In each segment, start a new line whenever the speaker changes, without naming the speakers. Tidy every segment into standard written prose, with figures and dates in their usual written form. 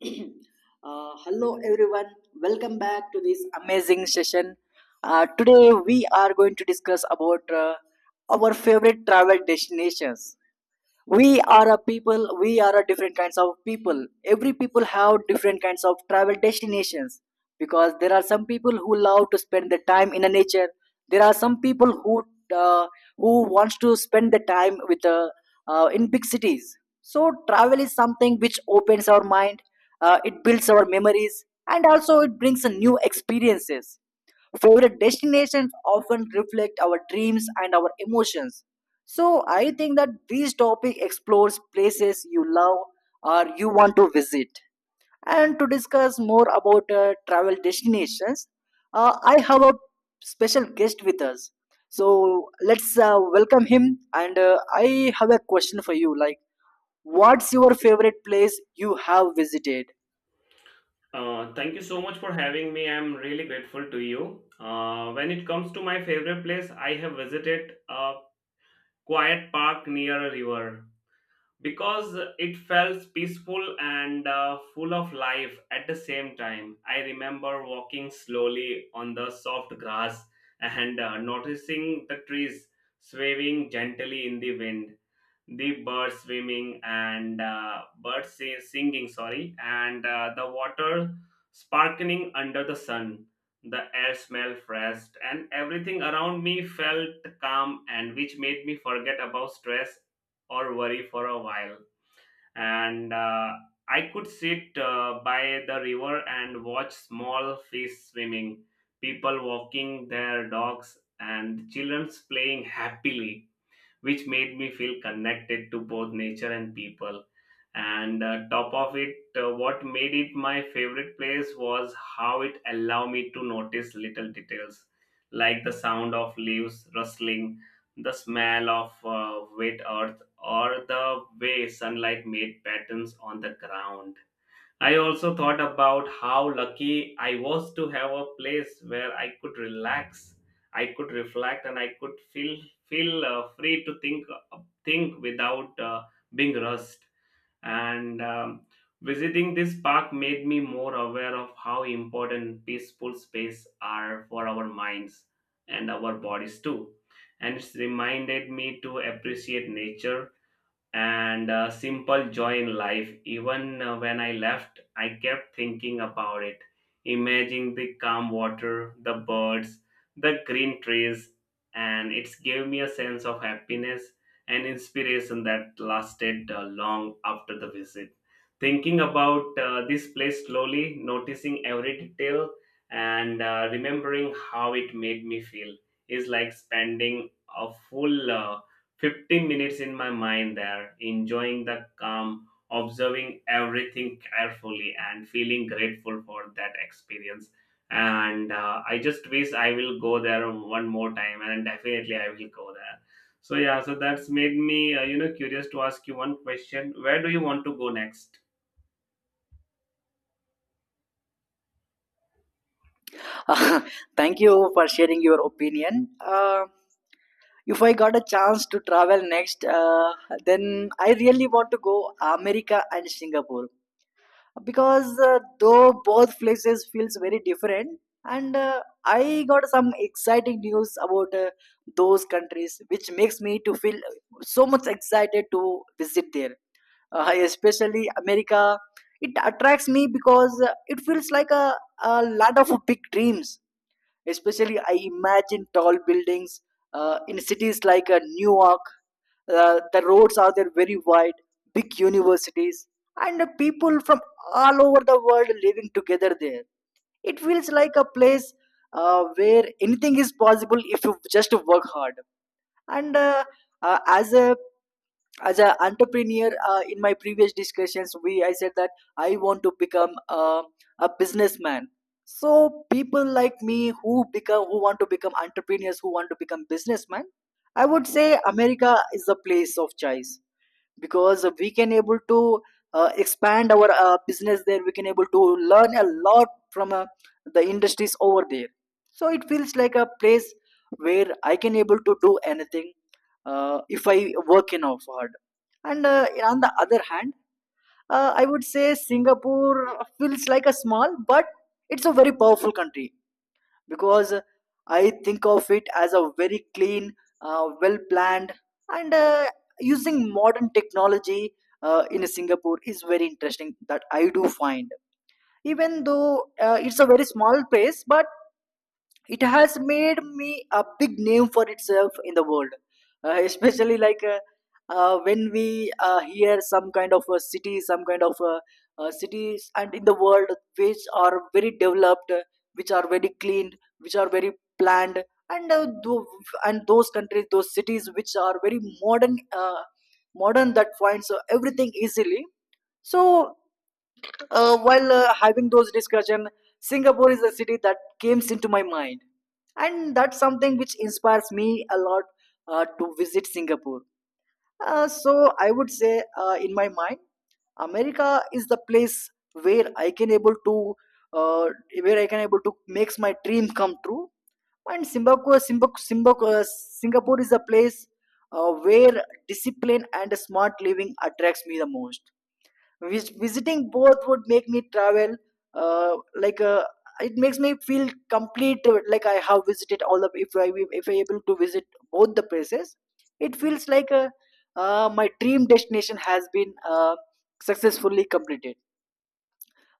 Hello, everyone. Welcome back to this amazing session. Today, we are going to discuss about our favorite travel destinations. We are a different kinds of people, every people have different kinds of travel destinations, because there are some people who love to spend their time in the nature. There are some people uh, who wants to spend the time with in big cities. So travel is something which opens our mind, it builds our memories, and also it brings a new experiences. Favorite destinations often reflect our dreams and our emotions. So I think that this topic explores places you love or you want to visit. And to discuss more about travel destinations, I have a special guest with us. So let's welcome him. And I have a question for you, like, what's your favorite place you have visited?
Thank you so much for having me. I'm really grateful to you. When it comes to my favorite place, I have visited a quiet park near a river because it felt peaceful and full of life at the same time. I remember walking slowly on the soft grass and noticing the trees swaying gently in the wind, the birds swimming and singing, sorry, and the water sparkling under the sun. The air smelled fresh and everything around me felt calm, and which made me forget about stress or worry for a while. And I could sit by the river and watch small fish swimming, people walking their dogs, and children playing happily, which made me feel connected to both nature and people. And top of it, what made it my favorite place was how it allowed me to notice little details like the sound of leaves rustling, the smell of wet earth, or the way sunlight made patterns on the ground. I also thought about how lucky I was to have a place where I could relax, I could reflect, and I could feel free to think without being rushed. And Visiting this park made me more aware of how important peaceful space are for our minds and our bodies too. And it's reminded me to appreciate nature and simple joy in life. Even when I left, I kept thinking about it, imagining the calm water, the birds, the green trees, and it gave me a sense of happiness and inspiration that lasted long after the visit. Thinking about this place slowly, noticing every detail, and remembering how it made me feel is like spending a full 15 minutes in my mind there, enjoying the calm, observing everything carefully, and feeling grateful for that experience. And I just wish I will go there one more time, and definitely I will go there. So, yeah, so that's made me, curious to ask you one question. Where do you want to go next?
Thank you for sharing your opinion. If I got a chance to travel next, then I really want to go America and Singapore, because though both places feels very different, and I got some exciting news about those countries, which makes me to feel so much excited to visit there. Especially America, it attracts me because it feels like a lot of big dreams. Especially, I imagine tall buildings in cities like Newark. The roads are there very wide, big universities, and people from all over the world living together there. It feels like a place where anything is possible if you just work hard. And as a as an entrepreneur, in my previous discussions we I said that I want to become a businessman. So people like me who become who want to become entrepreneurs, who want to become businessmen, I would say America is the place of choice, because we can able to expand our business there. We can able to learn a lot from the industries over there. So it feels like a place where I can able to do anything if I work enough hard. And on the other hand, I would say Singapore feels like a small but it's a very powerful country, because I think of it as a very clean, well planned, and using modern technology in Singapore is very interesting that I do find. Even though it's a very small place, but it has made me a big name for itself in the world, especially like when we hear some kind of a city, some kind of cities and in the world which are very developed, which are very clean, which are very planned, and and those countries, those cities which are very modern, modern that finds everything easily. So while having those discussion, Singapore is a city that came into my mind, and that's something which inspires me a lot to visit Singapore. So I would say in my mind, America is the place where I can able to uh, where I can able to makes my dream come true. And Singapore is a place where discipline and smart living attracts me the most. Visiting both would make me travel like it makes me feel complete like I have visited all of, if I, if I able to visit both the places, it feels like my dream destination has been successfully completed,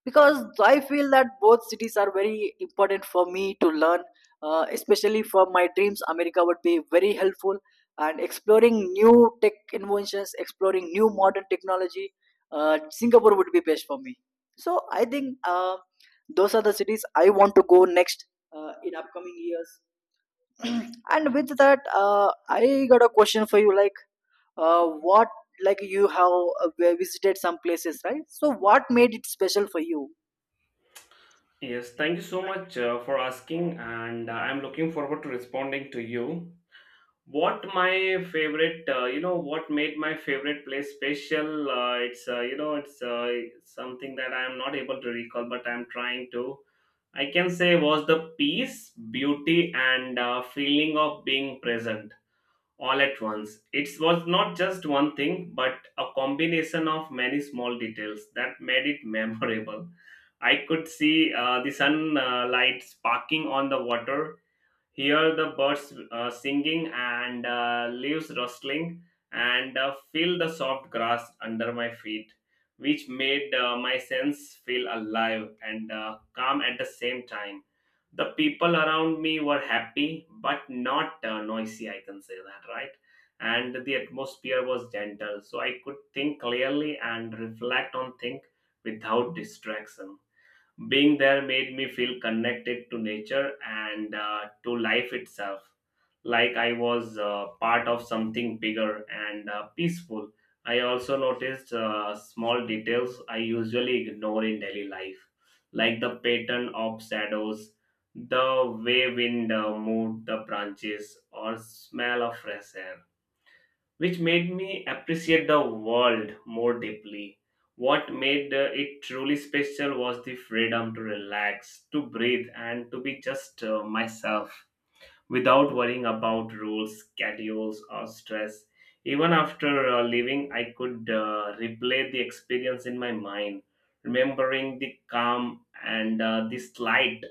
because I feel that both cities are very important for me to learn, especially for my dreams. America would be very helpful and exploring new tech inventions, exploring new modern technology. Singapore would be best for me. So I think those are the cities I want to go next in upcoming years. And with that, I got a question for you. Like, what? Like you have visited some places, right? So what made it special for you?
Yes, thank you so much for asking, and I'm looking forward to responding to you. What my favorite, what made my favorite place special, it's you know it's something that I am not able to recall, but I'm trying to. I can say was the peace, beauty, and feeling of being present all at once. It was not just one thing, but a combination of many small details that made it memorable. I could see the sunlight sparking on the water, hear the birds singing and leaves rustling, and feel the soft grass under my feet, which made my sense feel alive and calm at the same time. The people around me were happy but not noisy, I can say that, right? And the atmosphere was gentle, so I could think clearly and reflect on things without distraction. Being there made me feel connected to nature and to life itself, like I was part of something bigger and peaceful. I also noticed small details I usually ignore in daily life, like the pattern of shadows, the way wind moved the branches, or smell of fresh air, which made me appreciate the world more deeply. What made it truly special was the freedom to relax, to breathe, and to be just myself without worrying about rules, schedules, or stress. Even after leaving, I could replay the experience in my mind, remembering the calm and the slight,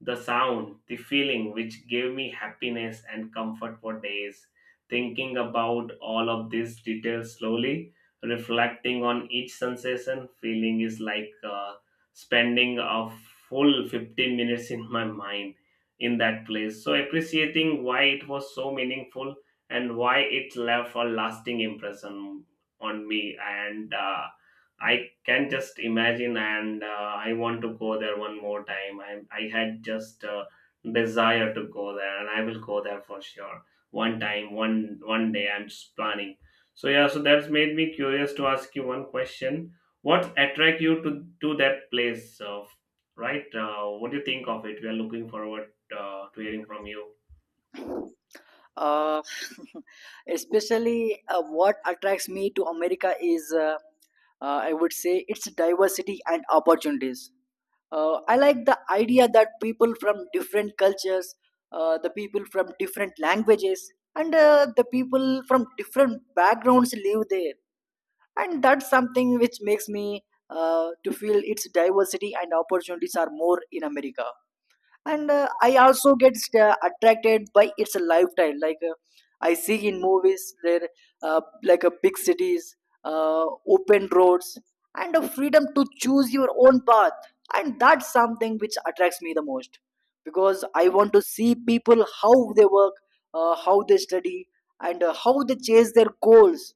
the sound, the feeling, which gave me happiness and comfort for days. Thinking about all of these details slowly, reflecting on each sensation, feeling is like spending a full 15 minutes in my mind in that place. So, appreciating why it was so meaningful and why it left a lasting impression on me. And I can just imagine, and I want to go there one more time. I had just desire to go there, and I will go there for sure one time, one day. I'm just planning. So yeah, so that's made me curious to ask you one question. What attract you to that place? Right? What do you think of it? We are looking forward to hearing from you.
uh, Especially what attracts me to America is I would say its diversity and opportunities. I like the idea that people from different cultures, the people from different languages, and the people from different backgrounds live there, and that's something which makes me to feel its diversity and opportunities are more in America. And I also get attracted by its lifestyle, like I see in movies there like a big cities, uh, open roads, and a freedom to choose your own path, and that's something which attracts me the most, because I want to see people how they work, how they study, and how they chase their goals.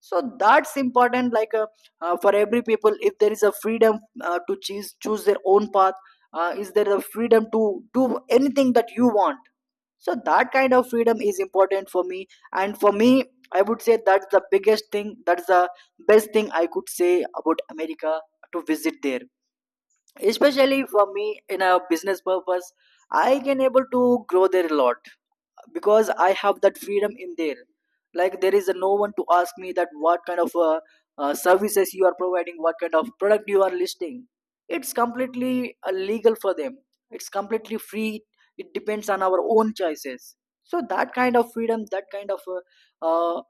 So that's important, like for every people, if there is a freedom to choose their own path, is there a freedom to do anything that you want. So that kind of freedom is important for me, and for me, I would say that's the biggest thing, that's the best thing I could say about America, to visit there. Especially for me in a business purpose, I can able to grow there a lot, because I have that freedom in there. Like, there is no one to ask me that what kind of services you are providing, what kind of product you are listing. It's completely legal for them, it's completely free, it depends on our own choices. So that kind of freedom, that kind of uh,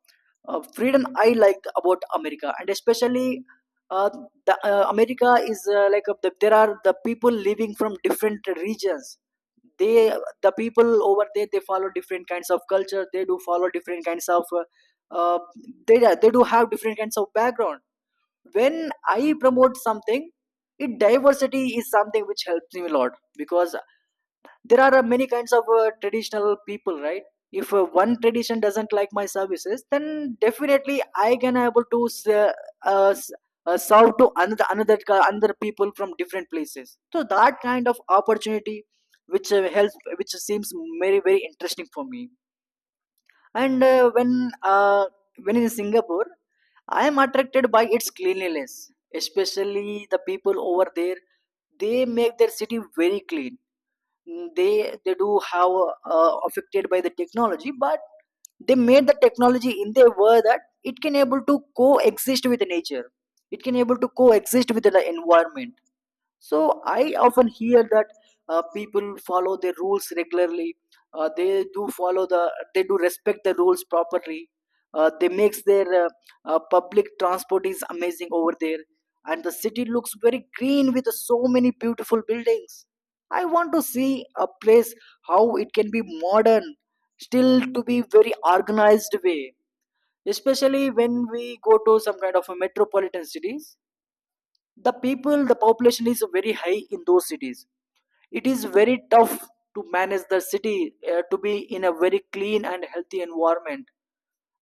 freedom I like about America. And especially uh, America is like there are the people living from different regions. They, the people over there, they follow different kinds of culture, they do follow different kinds of uh, they, yeah, they do have different kinds of background. When I promote something, it diversity is something which helps me a lot, because there are many kinds of traditional people, right? If one tradition doesn't like my services, then definitely I can able to uh, s- serve to another, another another people from different places. So that kind of opportunity which helps, which seems very very interesting for me. And uh, when uh, when in Singapore, I am attracted by its cleanliness, especially the people over there. They make their city very clean. They do have affected by the technology, but they made the technology in their way that it can able to coexist with nature, it can able to coexist with the environment. So I often hear that people follow their rules regularly. They do follow the, they do respect the rules properly. They makes their public transport is amazing over there, and the city looks very green with so many beautiful buildings. I want to see a place how it can be modern, still to be very organized way. Especially when we go to some kind of a metropolitan cities, the people, the population is very high in those cities, it is very tough to manage the city to be in a very clean and healthy environment,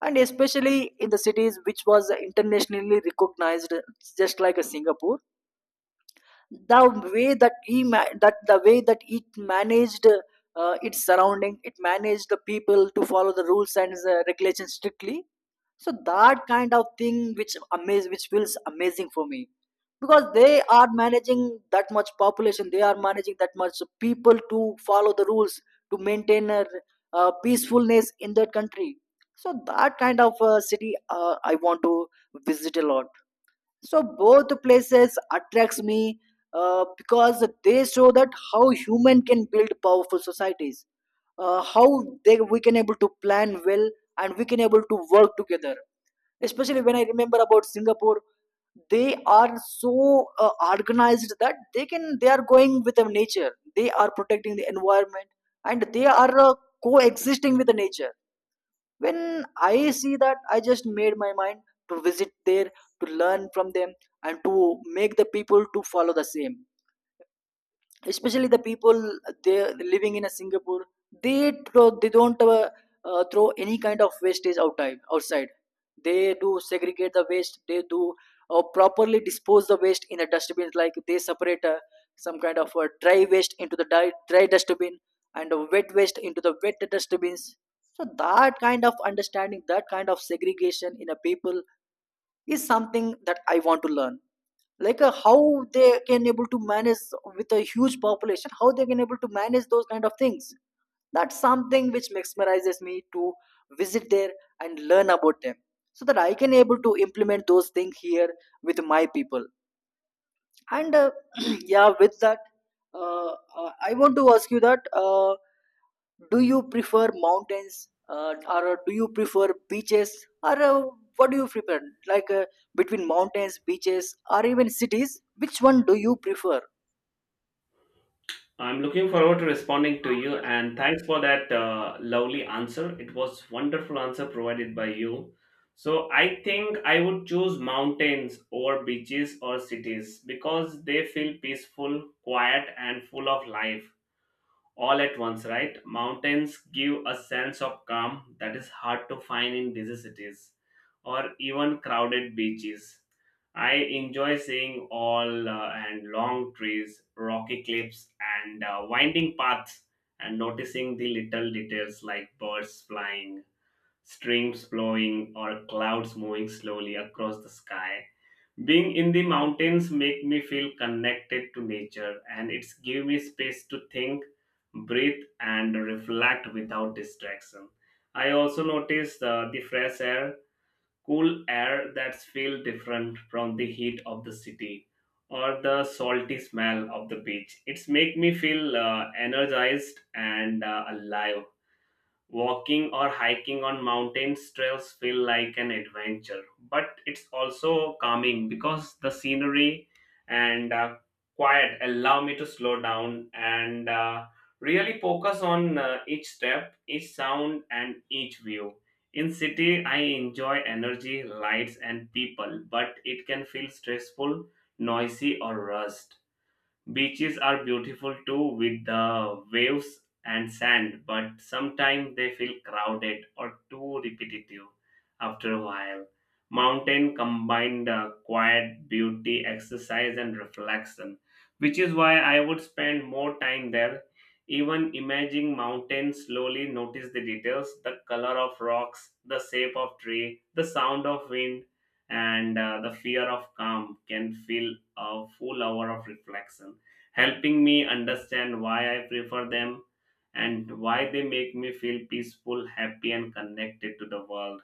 and especially in the cities which was internationally recognized, just like a Singapore, the way that that the way that it managed its surrounding, it managed the people to follow the rules and regulations strictly. So that kind of thing which amaze, which feels amazing for me, because they are managing that much population, they are managing that much people to follow the rules, to maintain peacefulness in their country. So that kind of city I want to visit a lot. So both places attracts me, because they show that how human can build powerful societies, how they we can able to plan well and we can able to work together. Especially when I remember about Singapore, they are so organized that they are going with the nature, they are protecting the environment, and they are coexisting with the nature. When I see that, I just made my mind to visit there, to learn from them, and to make the people to follow the same. Especially the people they living in a Singapore, they throw, they don't throw any kind of wastage outside outside. They do segregate the waste, they do properly dispose the waste in a dustbin, like they separate some kind of dry waste into the dry dustbin, and wet waste into the wet dustbins. So that kind of understanding, that kind of segregation in a people is something that I want to learn, like how they can able to manage With a huge population, how they can able to manage those kind of things, that's something which mesmerizes me to visit there and learn about them, so that I can able to implement those things here with my people. And yeah, with that, I want to ask you that, do you prefer mountains, or do you prefer beaches, or what do you prefer? Like uh, Between mountains, beaches, or even cities, which one do you prefer?
I'm looking forward to responding to you, and thanks for that lovely answer. It was wonderful answer provided by you. So I think I would choose mountains over beaches or cities because they feel peaceful, quiet, and full of life all at once, right? Mountains give a sense of calm that is hard to find in busy cities or even crowded beaches. I enjoy seeing all and long trees, rocky cliffs, and winding paths, and noticing the little details like birds flying, streams flowing, or clouds moving slowly across the sky. Being in the mountains make me feel connected to nature, and it's give me space to think, breathe, and reflect without distraction. I also notice the fresh air, cool air that's feel different from the heat of the city or the salty smell of the beach. It's make me feel energized and alive. Walking or hiking on mountains trails feel like an adventure, but it's also calming because the scenery and quiet allow me to slow down and really focus on each step, each sound, and each view. In city, I enjoy energy, lights, and people, but it can feel stressful, noisy, or rushed. Beaches are beautiful too with the waves and sand, but sometimes they feel crowded or too repetitive after a while. Mountain combined quiet, beauty, exercise, and reflection, which is why I would spend more time there. Even imaging mountains slowly, notice the details, the color of rocks, the shape of tree, the sound of wind, and the fear of calm can fill a full hour of reflection, helping me understand why I prefer them and why they make me feel peaceful, happy, and connected to the world.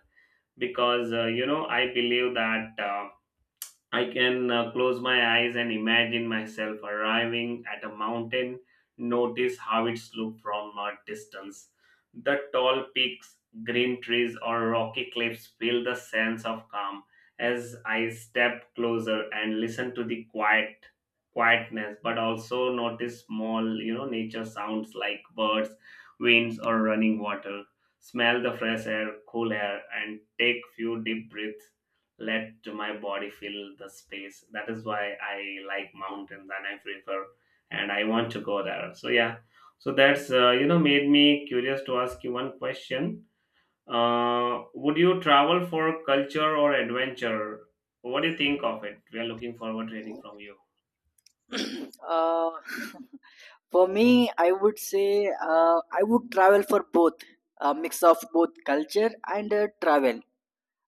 Because, I believe that. I can close my eyes and imagine myself arriving at a mountain, notice how it's looked from a distance. The tall peaks, green trees, or rocky cliffs feel the sense of calm as I step closer and listen to the quietness, but also notice small, nature sounds like birds, winds, or running water. Smell the fresh air, cool air, and take few deep breaths, let my body fill the space. That is why I like mountains, and I prefer and I want to go there. So yeah, so that's made me curious to ask you one question. Would you travel for culture or adventure? What do you think of it? We are looking forward to hearing from you.
uh, for me, I would say, I would travel for both, a mix of both culture and travel.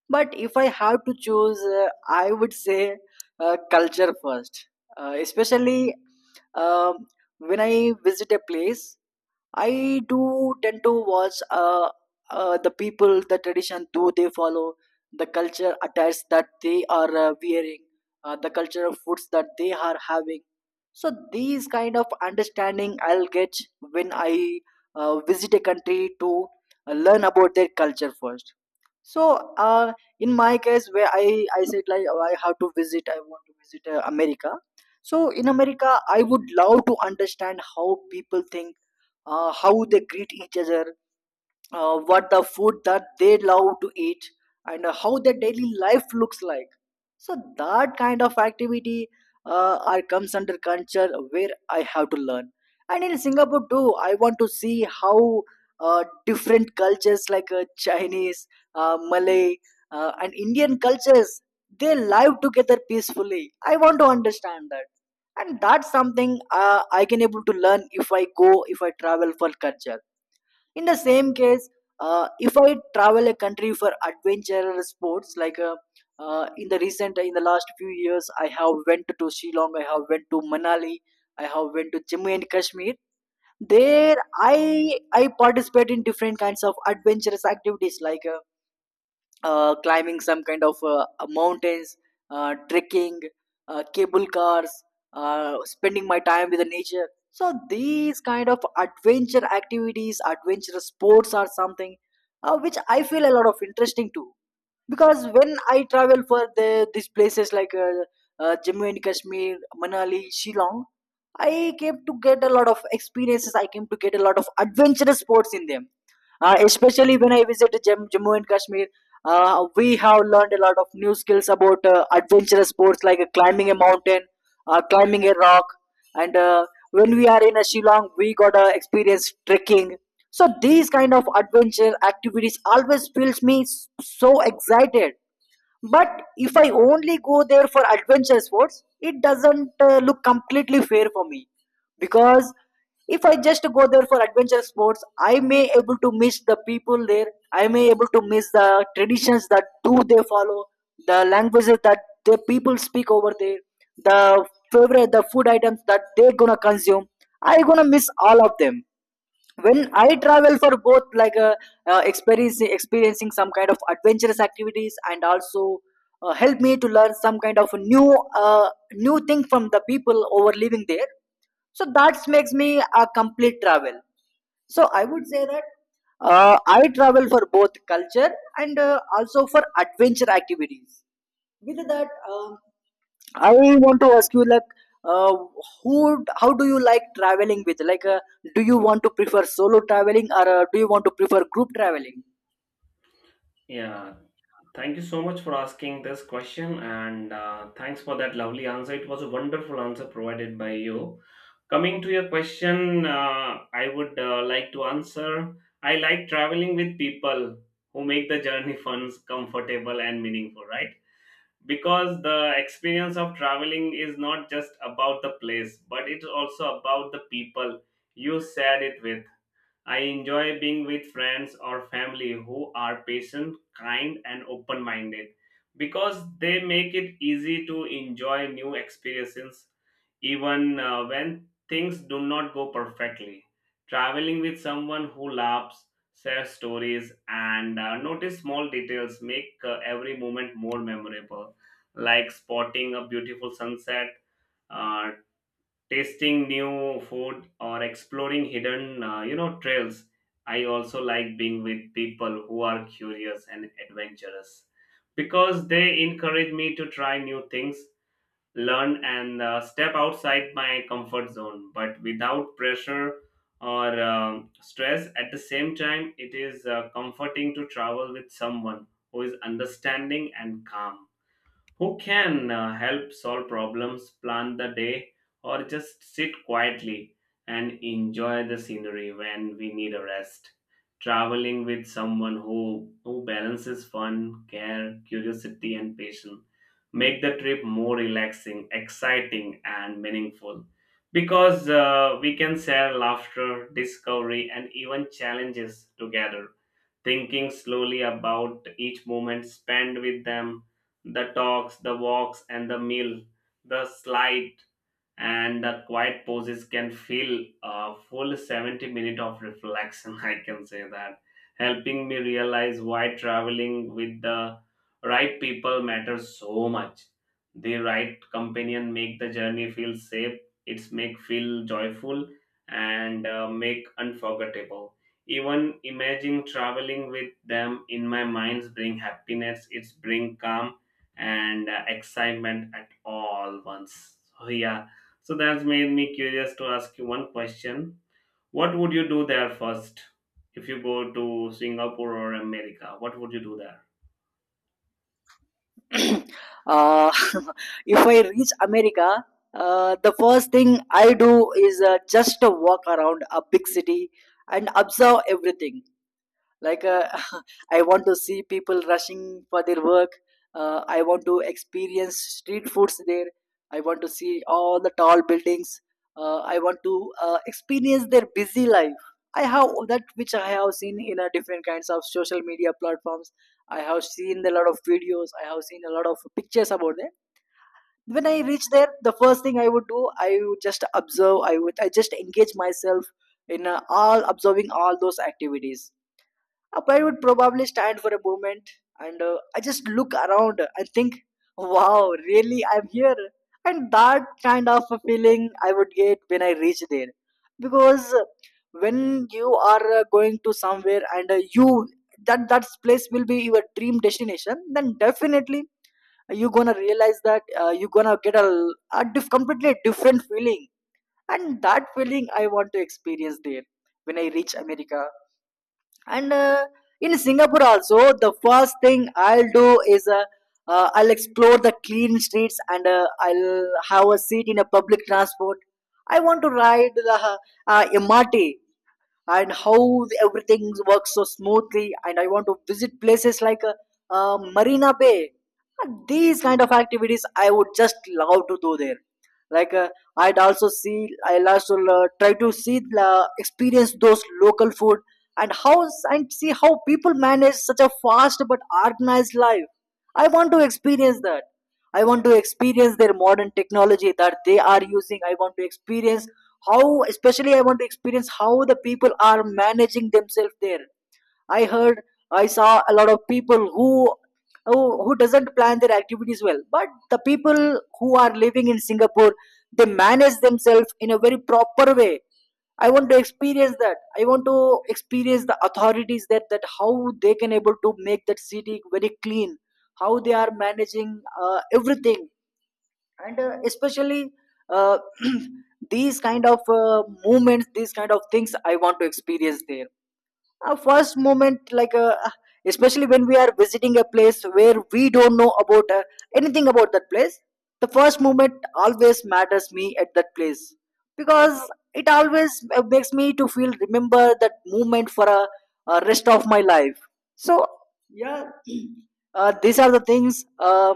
But if I have to choose, I would say, culture first. Especially um, when I visit a place, I do tend to watch, the people, the tradition, do they follow the culture attires that they are wearing, the culture of foods that they are having. So these kind of understanding I'll get when I visit a country to learn about their culture first. So in my case, where I said like, oh, I have to visit, I want to visit America. So, in America, I would love to understand how people think, how they greet each other, what the food that they love to eat, and how their daily life looks like, so that kind of activity are comes under culture, where I have to learn. And in Singapore too, I want to see how different cultures like Chinese, Malay, and Indian cultures they live together peacefully. I want to understand that, and that's something I can able to learn if I go, if I travel for culture. In the same case, if I travel a country for adventure sports, like in the recent, in the last few years, I have went to Sri Lanka, I have went to Manali, I have went to Jammu and Kashmir. There, I participate in different kinds of adventurous activities like. Climbing some kind of mountains, trekking, cable cars, spending my time with the nature. So these kind of adventure activities, adventure sports are something which I feel a lot of interesting too. Because when I travel for the, these places like Jammu and Kashmir, Manali, Shillong, I came to get a lot of experiences. I came to get a lot of adventurous sports in them, especially when I visit Jammu and Kashmir. We have learned a lot of new skills about adventurous sports like climbing a mountain, climbing a rock, and when we are in a Shillong, we got to experience trekking. So these kind of adventure activities always feels me so excited. But if I only go there for adventure sports, it doesn't look completely fair for me, because if I just go there for adventure sports, I may able to miss the people there. I may able to miss the traditions that do they follow, the languages that the people speak over there, the favorite, the food items that they're gonna consume. I gonna miss all of them. When I travel for both, like experiencing some kind of adventurous activities, and also help me to learn some kind of new new thing from the people over living there. So that makes me a complete travel. So I would say that, I travel for both culture, and also for adventure activities. With that, I want to ask you, like, uh, how do you like traveling with? Do you want to prefer solo traveling, or do you want to prefer group traveling?
Yeah, thank you so much for asking this question and thanks for that lovely answer. It was a wonderful answer provided by you. Coming to your question, I would like to answer, I like traveling with people who make the journey fun, comfortable, and meaningful, right? Because the experience of traveling is not just about the place, but it's also about the people you shared it with. I enjoy being with friends or family who are patient, kind, and open minded because they make it easy to enjoy new experiences even when things do not go perfectly. Traveling with someone who laughs, shares stories, and notice small details make every moment more memorable, like spotting a beautiful sunset, uh, tasting new food, or exploring hidden trails. I also like being with people who are curious and adventurous because they encourage me to try new things, learn, and step outside my comfort zone but without pressure or stress. At the same time, it is comforting to travel with someone who is understanding and calm, who can help solve problems, plan the day, or just sit quietly and enjoy the scenery when we need a rest. Traveling with someone who balances fun, care, curiosity, and patience make the trip more relaxing, exciting, and meaningful because we can share laughter, discovery, and even challenges together. Thinking slowly about each moment spent with them, the talks, the walks, and the meal, the slide and the quiet poses can fill a full 70 minute of reflection, I can say that, helping me realize why traveling with the right people matters so much. The right companion make the journey feel safe, it's make feel joyful, and make unforgettable. Even imagining traveling with them in my minds bring happiness, it's bring calm and excitement at all once. So yeah, so that's made me curious to ask you one question. What would you do there first? If you go to Singapore or America, what would you do there?
uh, if I reach America, the first thing I do is just a walk around a big city and observe everything, like I want to see people rushing for their work. I want to experience street foods there. I want to see all the tall buildings. I want to experience their busy life. I have that which I have seen in a different kinds of social media platforms. I have seen a lot of videos, I have seen a lot of pictures about them. When I reach there, the first thing I would do, I would just observe. I just engage myself in all observing all those activities. Up, I would probably stand for a moment and I just look around and think, wow, really, I'm here. And that kind of a feeling I would get when I reach there. Because when you are going to somewhere, and you, that place will be your dream destination, then definitely you're gonna realize that you're gonna get a completely different feeling. And that feeling I want to experience there when I reach America. And in Singapore also, the first thing I'll do is I'll explore the clean streets, and I'll have a seat in a public transport. I want to ride the MRT, and how everything works so smoothly, and I want to visit places like Marina Bay. These kind of activities I would just love to do there. like uh, I'd also see, I'll also try to see, experience those local food, and how, and see how people manage such a fast but organized life. I want to experience that. I want to experience their modern technology that they are using. I want to experience how, especially I want to experience how the people are managing themselves there. I heard, I saw a lot of people who, who doesn't plan their activities well. But the people who are living in Singapore, they manage themselves in a very proper way. I want to experience that. I want to experience the authorities, that how they can able to make that city very clean, how they are managing everything. And especially, uh, these kind of movements, these kind of things I want to experience there. Uh, first moment, like especially when we are visiting a place where we don't know about anything about that place, the first moment always matters me at that place. Because it always makes me to feel remember that moment for a rest of my life. So yeah. These are the things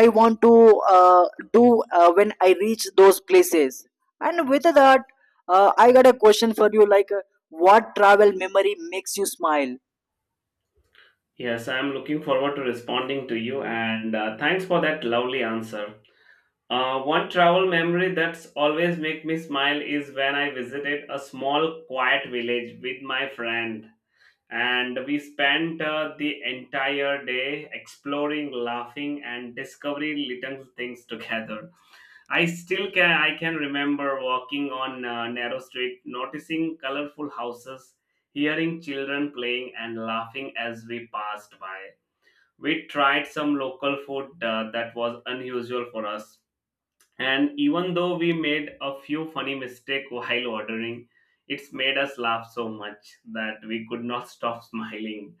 I want to uh, do when I reach those places. And with that, I got a question for you, like, what travel memory makes you smile?
Yes, I'm looking forward to responding to you and thanks for that lovely answer. One travel memory that's always make me smile is when I visited a small quiet village with my friend, and we spent the entire day exploring, laughing, and discovering little things together. I can remember walking on a narrow street, noticing colorful houses, hearing children playing and laughing as we passed by. We tried some local food that was unusual for us, and even though we made a few funny mistakes while ordering, it's made us laugh so much that we could not stop smiling.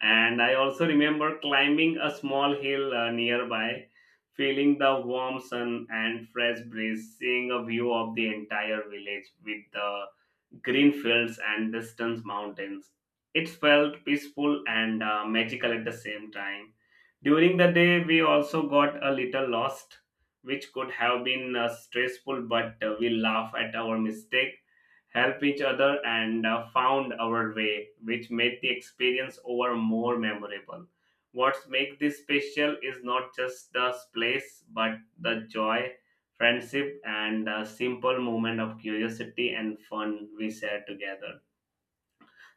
And I also remember climbing a small hill nearby, feeling the warm sun and fresh breeze, seeing a view of the entire village with the green fields and distant mountains. It felt peaceful and magical at the same time. During the day, we also got a little lost, which could have been stressful, but we laughed at our mistake, helped each other, and found our way, which made the experience over more memorable. What makes this special is not just the place, but the joy, friendship, and a simple moment of curiosity and fun we share together.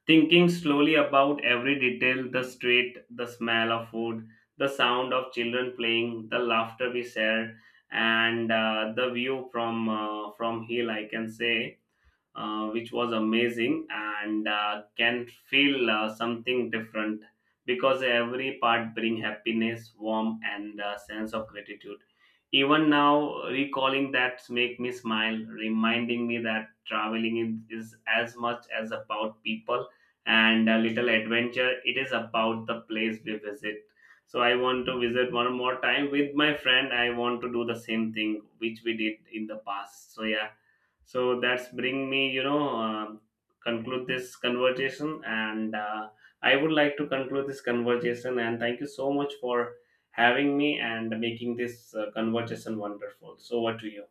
Thinking slowly about every detail, the street, the smell of food, the sound of children playing, the laughter we share, and the view from hill, I can say which was amazing and can feel something different, because every part bring happiness, warmth, and sense of gratitude. Even now recalling that make me smile, reminding me that traveling is as much as about people and a little adventure it is about the place we visit. So I want to visit one more time with my friend, I want to do the same thing which we did in the past. So yeah, so that's bring me, conclude this conversation, and I would like to conclude this conversation. And thank you so much for having me and making this conversation wonderful. So, what to you?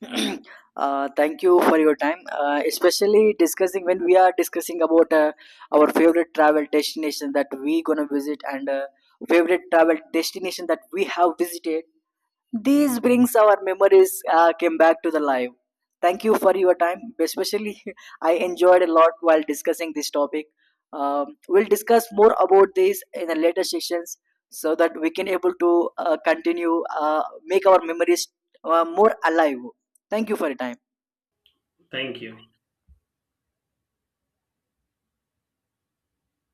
Uh, thank you for your time. Especially discussing, when we are discussing about our favorite travel destination that we gonna visit, and favorite travel destination that we have visited. These brings our memories came back to the life. Thank you for your time. Especially, I enjoyed a lot while discussing this topic. We'll discuss more about this in the later sessions, so that we can able to continue make our memories more alive. Thank you for your time.
Thank you.